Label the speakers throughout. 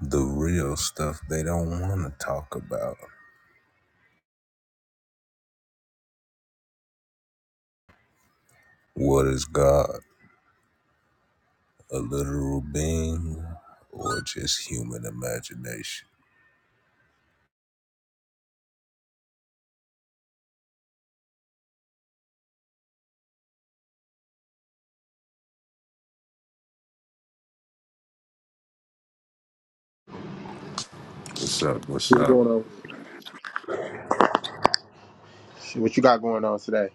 Speaker 1: the real stuff they don't want to talk about. What is God? A literal being or just human imagination? What's up? What's
Speaker 2: What's
Speaker 1: up?
Speaker 2: going on? with you? What you got going on today?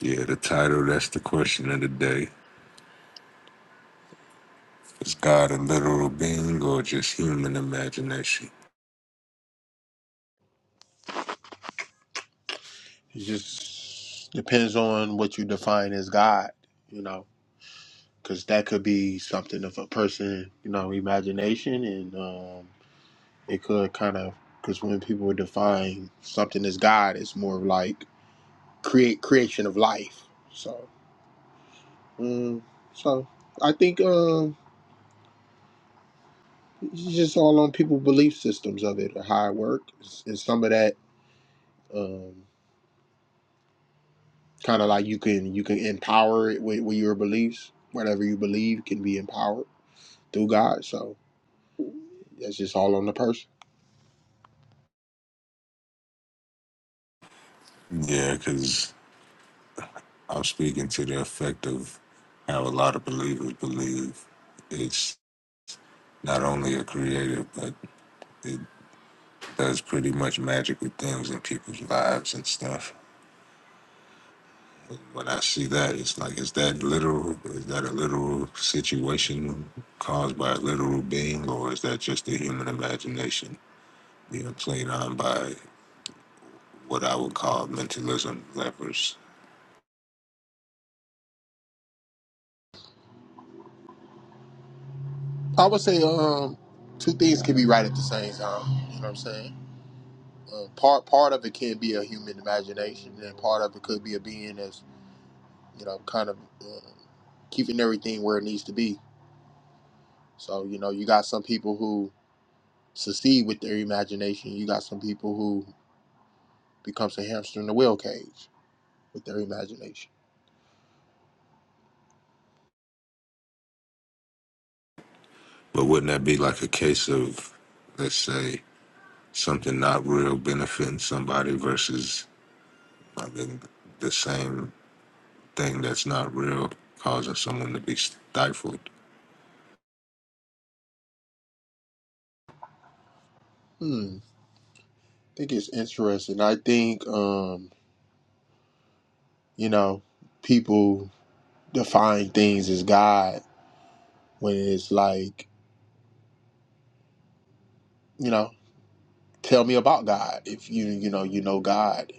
Speaker 1: Yeah, the title, that's the question of the day. Is God a literal being or just human imagination?
Speaker 2: It just depends on what you define as God, you know, because that could be something of a person, you know, imagination, and um, it could kind of because when people define something as God, it's more like create creation of life. So, um, so I think um, it's just all on people' belief systems of it, how it works, and some of that. Um, Kind of like you can you can empower it with, with your beliefs. Whatever you believe can be empowered through God. So that's just all on the person.
Speaker 1: Yeah, because I'm speaking to the effect of how a lot of believers believe it's not only a creator, but it does pretty much magical things in people's lives and stuff. When I see that, it's like, is that literal? Is that a literal situation caused by a literal being, or is that just the human imagination being played on by what I would call mentalism levers?
Speaker 2: I would say um two things can be right at the same time. You know what I'm saying? Uh, part part of it can be a human imagination, and part of it could be a being that's you know kind of uh, keeping everything where it needs to be. So you know you got some people who succeed with their imagination. You got some people who becomes a hamster in the wheel cage with their imagination.
Speaker 1: But wouldn't that be like a case of, let's say, something not real benefiting somebody versus I mean, the same thing that's not real causing someone to be stifled?
Speaker 2: Hmm. think it's interesting. I think um, you know, people define things as God when it's like, you know, tell me about God if you you know, you know God.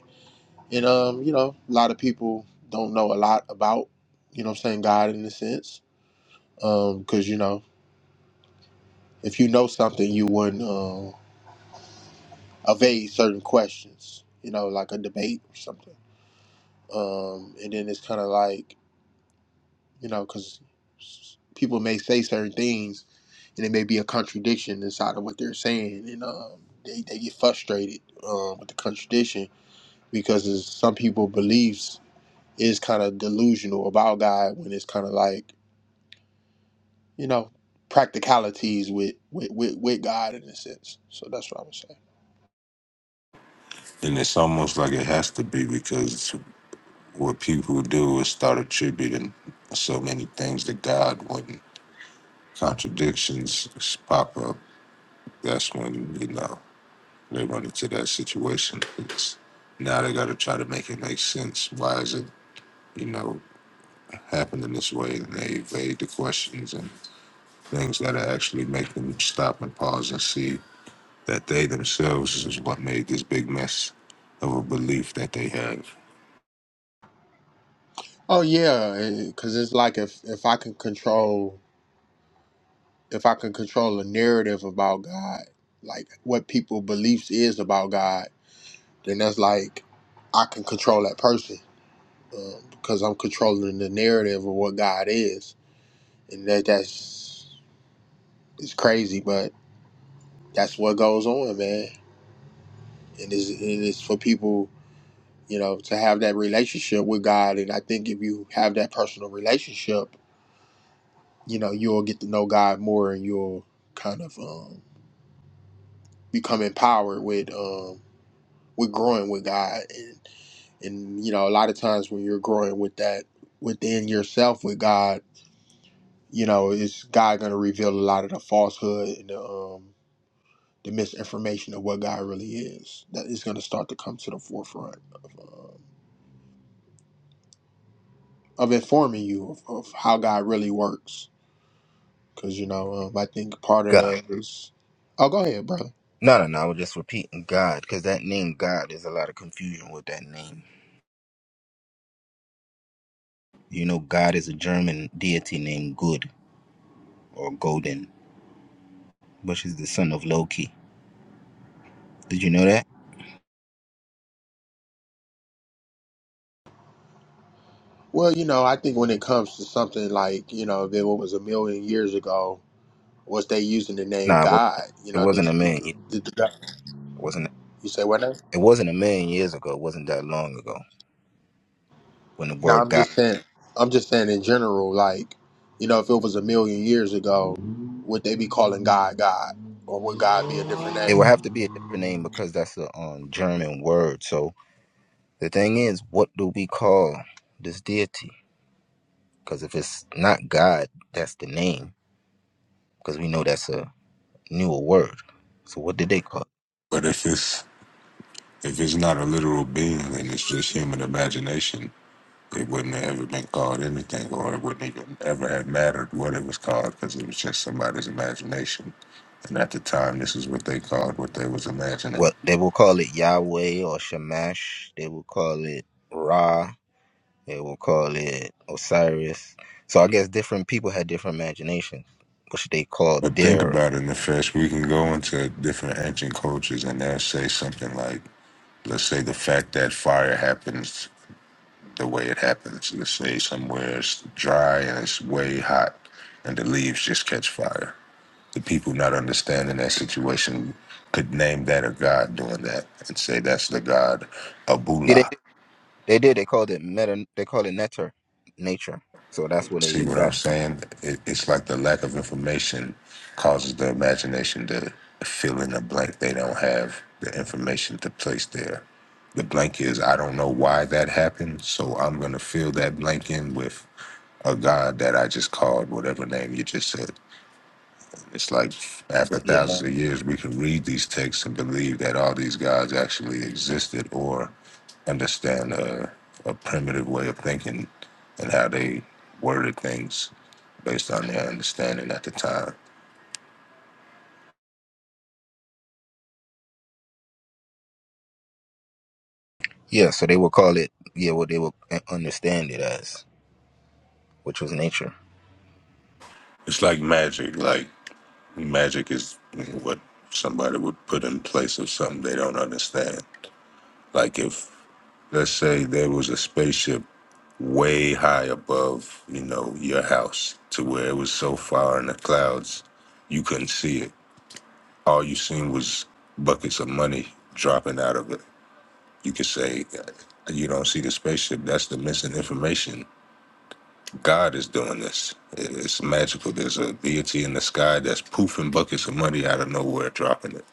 Speaker 2: And um, you know, a lot of people don't know a lot about, you know what I'm saying, God in a sense. Um, cuz you know, if you know something, you wouldn't um evade certain questions, you know, like a debate or something. Um, and then it's kind of like you know, because people may say certain things and it may be a contradiction inside of what they're saying, and um, they, they get frustrated um, with the contradiction because it's, some people beliefs is kind of delusional about God when it's kind of like you know practicalities with, with with with God in a sense. So that's what I would say.
Speaker 1: And it's almost like it has to be because what people do is start attributing so many things to God when contradictions pop up. That's when, you know, they run into that situation. It's, now they got to try to make it make sense. Why is it, you know, happening this way? And they evade the questions and things that actually make them stop and pause and see that they themselves is what made this big mess of a belief that they have.
Speaker 2: Oh yeah, because it's like if if I can control if I can control a narrative about God, like what people beliefs is about God then that's like I can control that person um, because I'm controlling the narrative of what God is, and that that's it's crazy, but that's what goes on, man. And it's, and it's for people, you know, to have that relationship with God. And I think if you have that personal relationship, you know, you'll get to know God more, and you'll kind of um, become empowered with um, with growing with God. And and you know, a lot of times when you're growing with that within yourself with God You know, it's God going to reveal a lot of the falsehood and the um, the misinformation of what God really is. That is going to start to come to the forefront of um, of informing you of, of how God really works. Because you know, um, I think part of
Speaker 3: God.
Speaker 2: that is. Oh, go ahead, brother.
Speaker 3: No, no, no. I was just repeating God because that name God is a lot of confusion with that name. You know, God is a German deity named Good or Golden, which is the son of Loki. Did you know that?
Speaker 2: Well, you know, I think when it comes to something like you know, if it was a million years ago, was they using the name
Speaker 3: No, it wasn't.
Speaker 2: God? You
Speaker 3: It
Speaker 2: know, did,
Speaker 3: wasn't a man.
Speaker 2: did,
Speaker 3: It
Speaker 2: did, did
Speaker 3: wasn't.
Speaker 2: you say what? now?
Speaker 3: It wasn't a million years ago. It wasn't that long ago when the
Speaker 2: No,
Speaker 3: word
Speaker 2: I'm
Speaker 3: God.
Speaker 2: just saying. I'm just saying in general, like, you know, if it was a million years ago, would they be calling God God, or would God be a different
Speaker 3: It would have
Speaker 2: name?
Speaker 3: to be a different name because that's a um, German word. So the thing is, what do we call this deity? Because if it's not God, that's the name. Because we know that's a knew a word. So what did they call it?
Speaker 1: But if it's if it's not a literal being and it's just human imagination, It wouldn't have ever been called anything, or it wouldn't even ever have mattered what it was called, because it was just somebody's imagination. And at the time, this is what they called what they was imagining.
Speaker 3: What they will call it Yahweh or Shamash. They will call it Ra. They will call it Osiris. So I guess different people had different imaginations, which they called
Speaker 1: But think
Speaker 3: their.
Speaker 1: about it, Nefesh. We can go into different ancient cultures, and they'll say something like, let's say the fact that fire happens the way it happens. Let's say somewhere it's dry and it's way hot, and the leaves just catch fire the people not understanding that situation could name that a god doing that and say that's the god
Speaker 3: Yeah, they,
Speaker 1: Abula.
Speaker 3: they did. They called it meta. They called it netter, nature. So that's what
Speaker 1: See
Speaker 3: they
Speaker 1: what I'm
Speaker 3: got.
Speaker 1: saying? It, it's like the lack of information causes the imagination to fill in a blank they don't have the information to place there. The blank is I don't know why that happened, so I'm gonna fill that blank in with a god that I just called whatever name you just said. It's like after
Speaker 3: Yeah, net-
Speaker 1: thousands of years, we can read these texts and believe that all these gods actually existed or understand a, a primitive way of thinking and how they worded things based on their understanding at the time.
Speaker 3: yeah. So they will call it. Yeah, what they will understand it as, which was nature.
Speaker 1: It's like magic. Like magic is what somebody would put in place of something they don't understand. Like if, let's say, there was a spaceship way high above, you know, your house to where it was so far in the clouds you couldn't see it. All you seen was buckets of money dropping out of it. You could say uh, you don't see the spaceship. That's the missing information. God is doing this. It- It's magical. There's a deity in the sky that's poofing buckets of money out of nowhere, dropping it.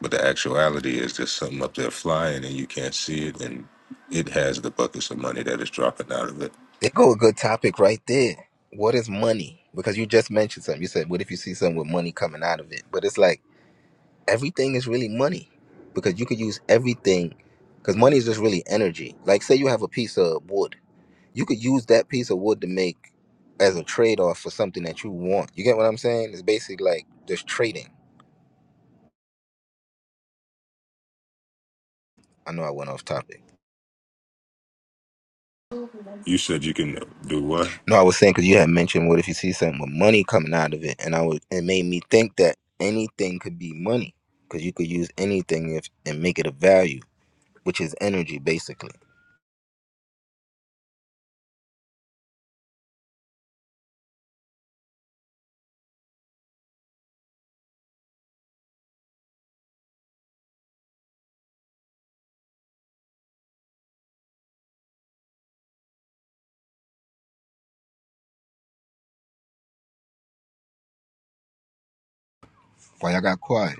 Speaker 1: But the actuality is there's something up there flying and you can't see it, and it has the buckets of money that is dropping out of it.
Speaker 3: There go a good topic right there. What is money? Because you just mentioned something. You said, what if you see something with money coming out of it? But it's like everything is really money because you could use everything because money is just really energy. Like, say you have a piece of wood, you could use that piece of wood to make as a trade off for something that you want. You get what I'm saying? It's basically like just trading. I know I went off topic.
Speaker 1: You said you can do what?
Speaker 3: No, I was saying because you had mentioned what if you see something with money coming out of it, and I was it made me think that anything could be money because you could use anything if and make it a value, which is energy basically. Why I got quiet?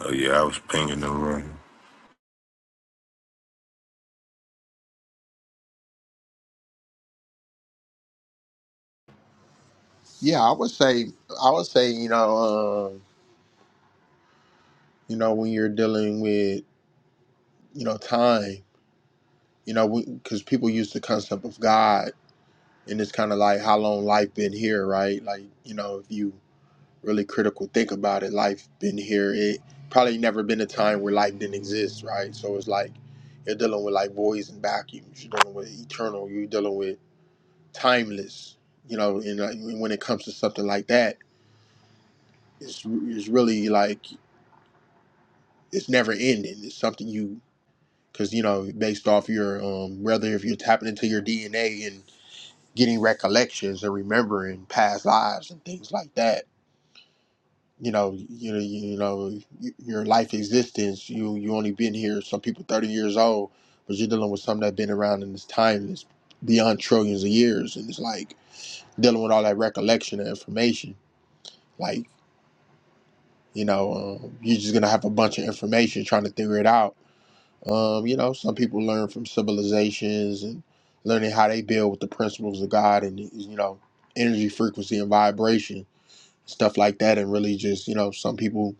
Speaker 1: Oh yeah, I was pinging the room.
Speaker 2: Yeah, I would say. I would say, you know, um, you know, when you're dealing with, you know, time, you know, because people use the concept of God, and it's kind of like how long life been here, right? Like, you know, if you really critical think about it life been here it probably never been a time where life didn't exist right so it's like you're dealing with like voids and vacuums you're dealing with eternal you're dealing with timeless you know and uh, when it comes to something like that it's, it's really like it's never ending it's something you because you know based off your um whether if you're tapping into your dna and getting recollections and remembering past lives and things like that you know, you know, you know, y- your life existence. You you only been here. Some people thirty years old, but you're dealing with something that's been around in this time that's beyond trillions of years, and it's like dealing with all that recollection and information. Like you know, um, you're just gonna have a bunch of information trying to figure it out. Um, you know, some people learn from civilizations and learning how they build with the principles of God and you know, energy, frequency, and vibration stuff like that, and really just you know, some people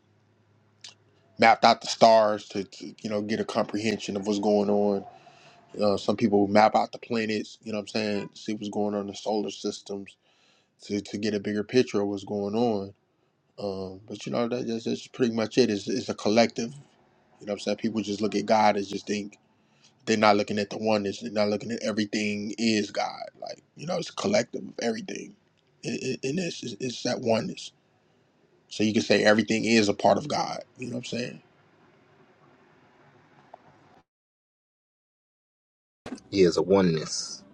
Speaker 2: mapped out the stars to, to you know get a comprehension of what's going on. Uh, some people map out the planets, you know what I'm saying, see what's going on in the solar systems to, to get a bigger picture of what's going on. Um, but you know that, that's, that's pretty much it. It's, it's a collective. You know what I'm saying? People just look at God and just think they're not looking at the oneness. They're not looking at everything is God. Like you know, it's a collective of everything, and, and it's, it's that oneness. So you can say everything is a part of God. You know what I'm saying?
Speaker 3: Yeah, it's a oneness.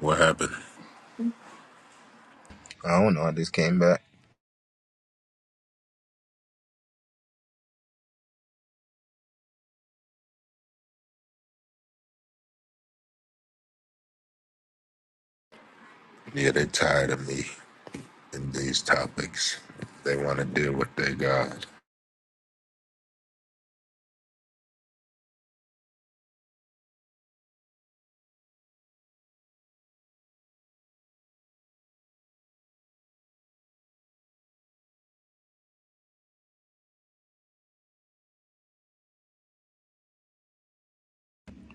Speaker 1: What happened?
Speaker 3: I don't know. I just came back.
Speaker 1: Yeah, they tired of me and these topics. They want to deal with their God.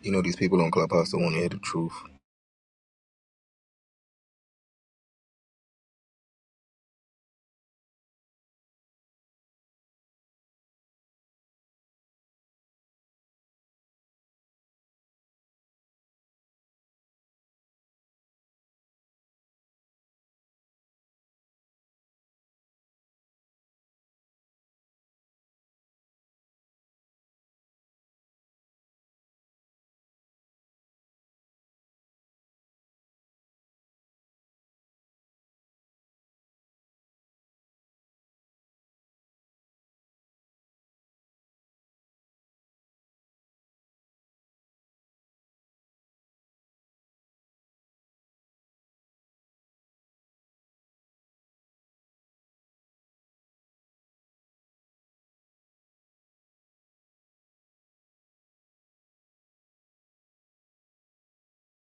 Speaker 3: You know, these people on Clubhouse don't want to hear the truth.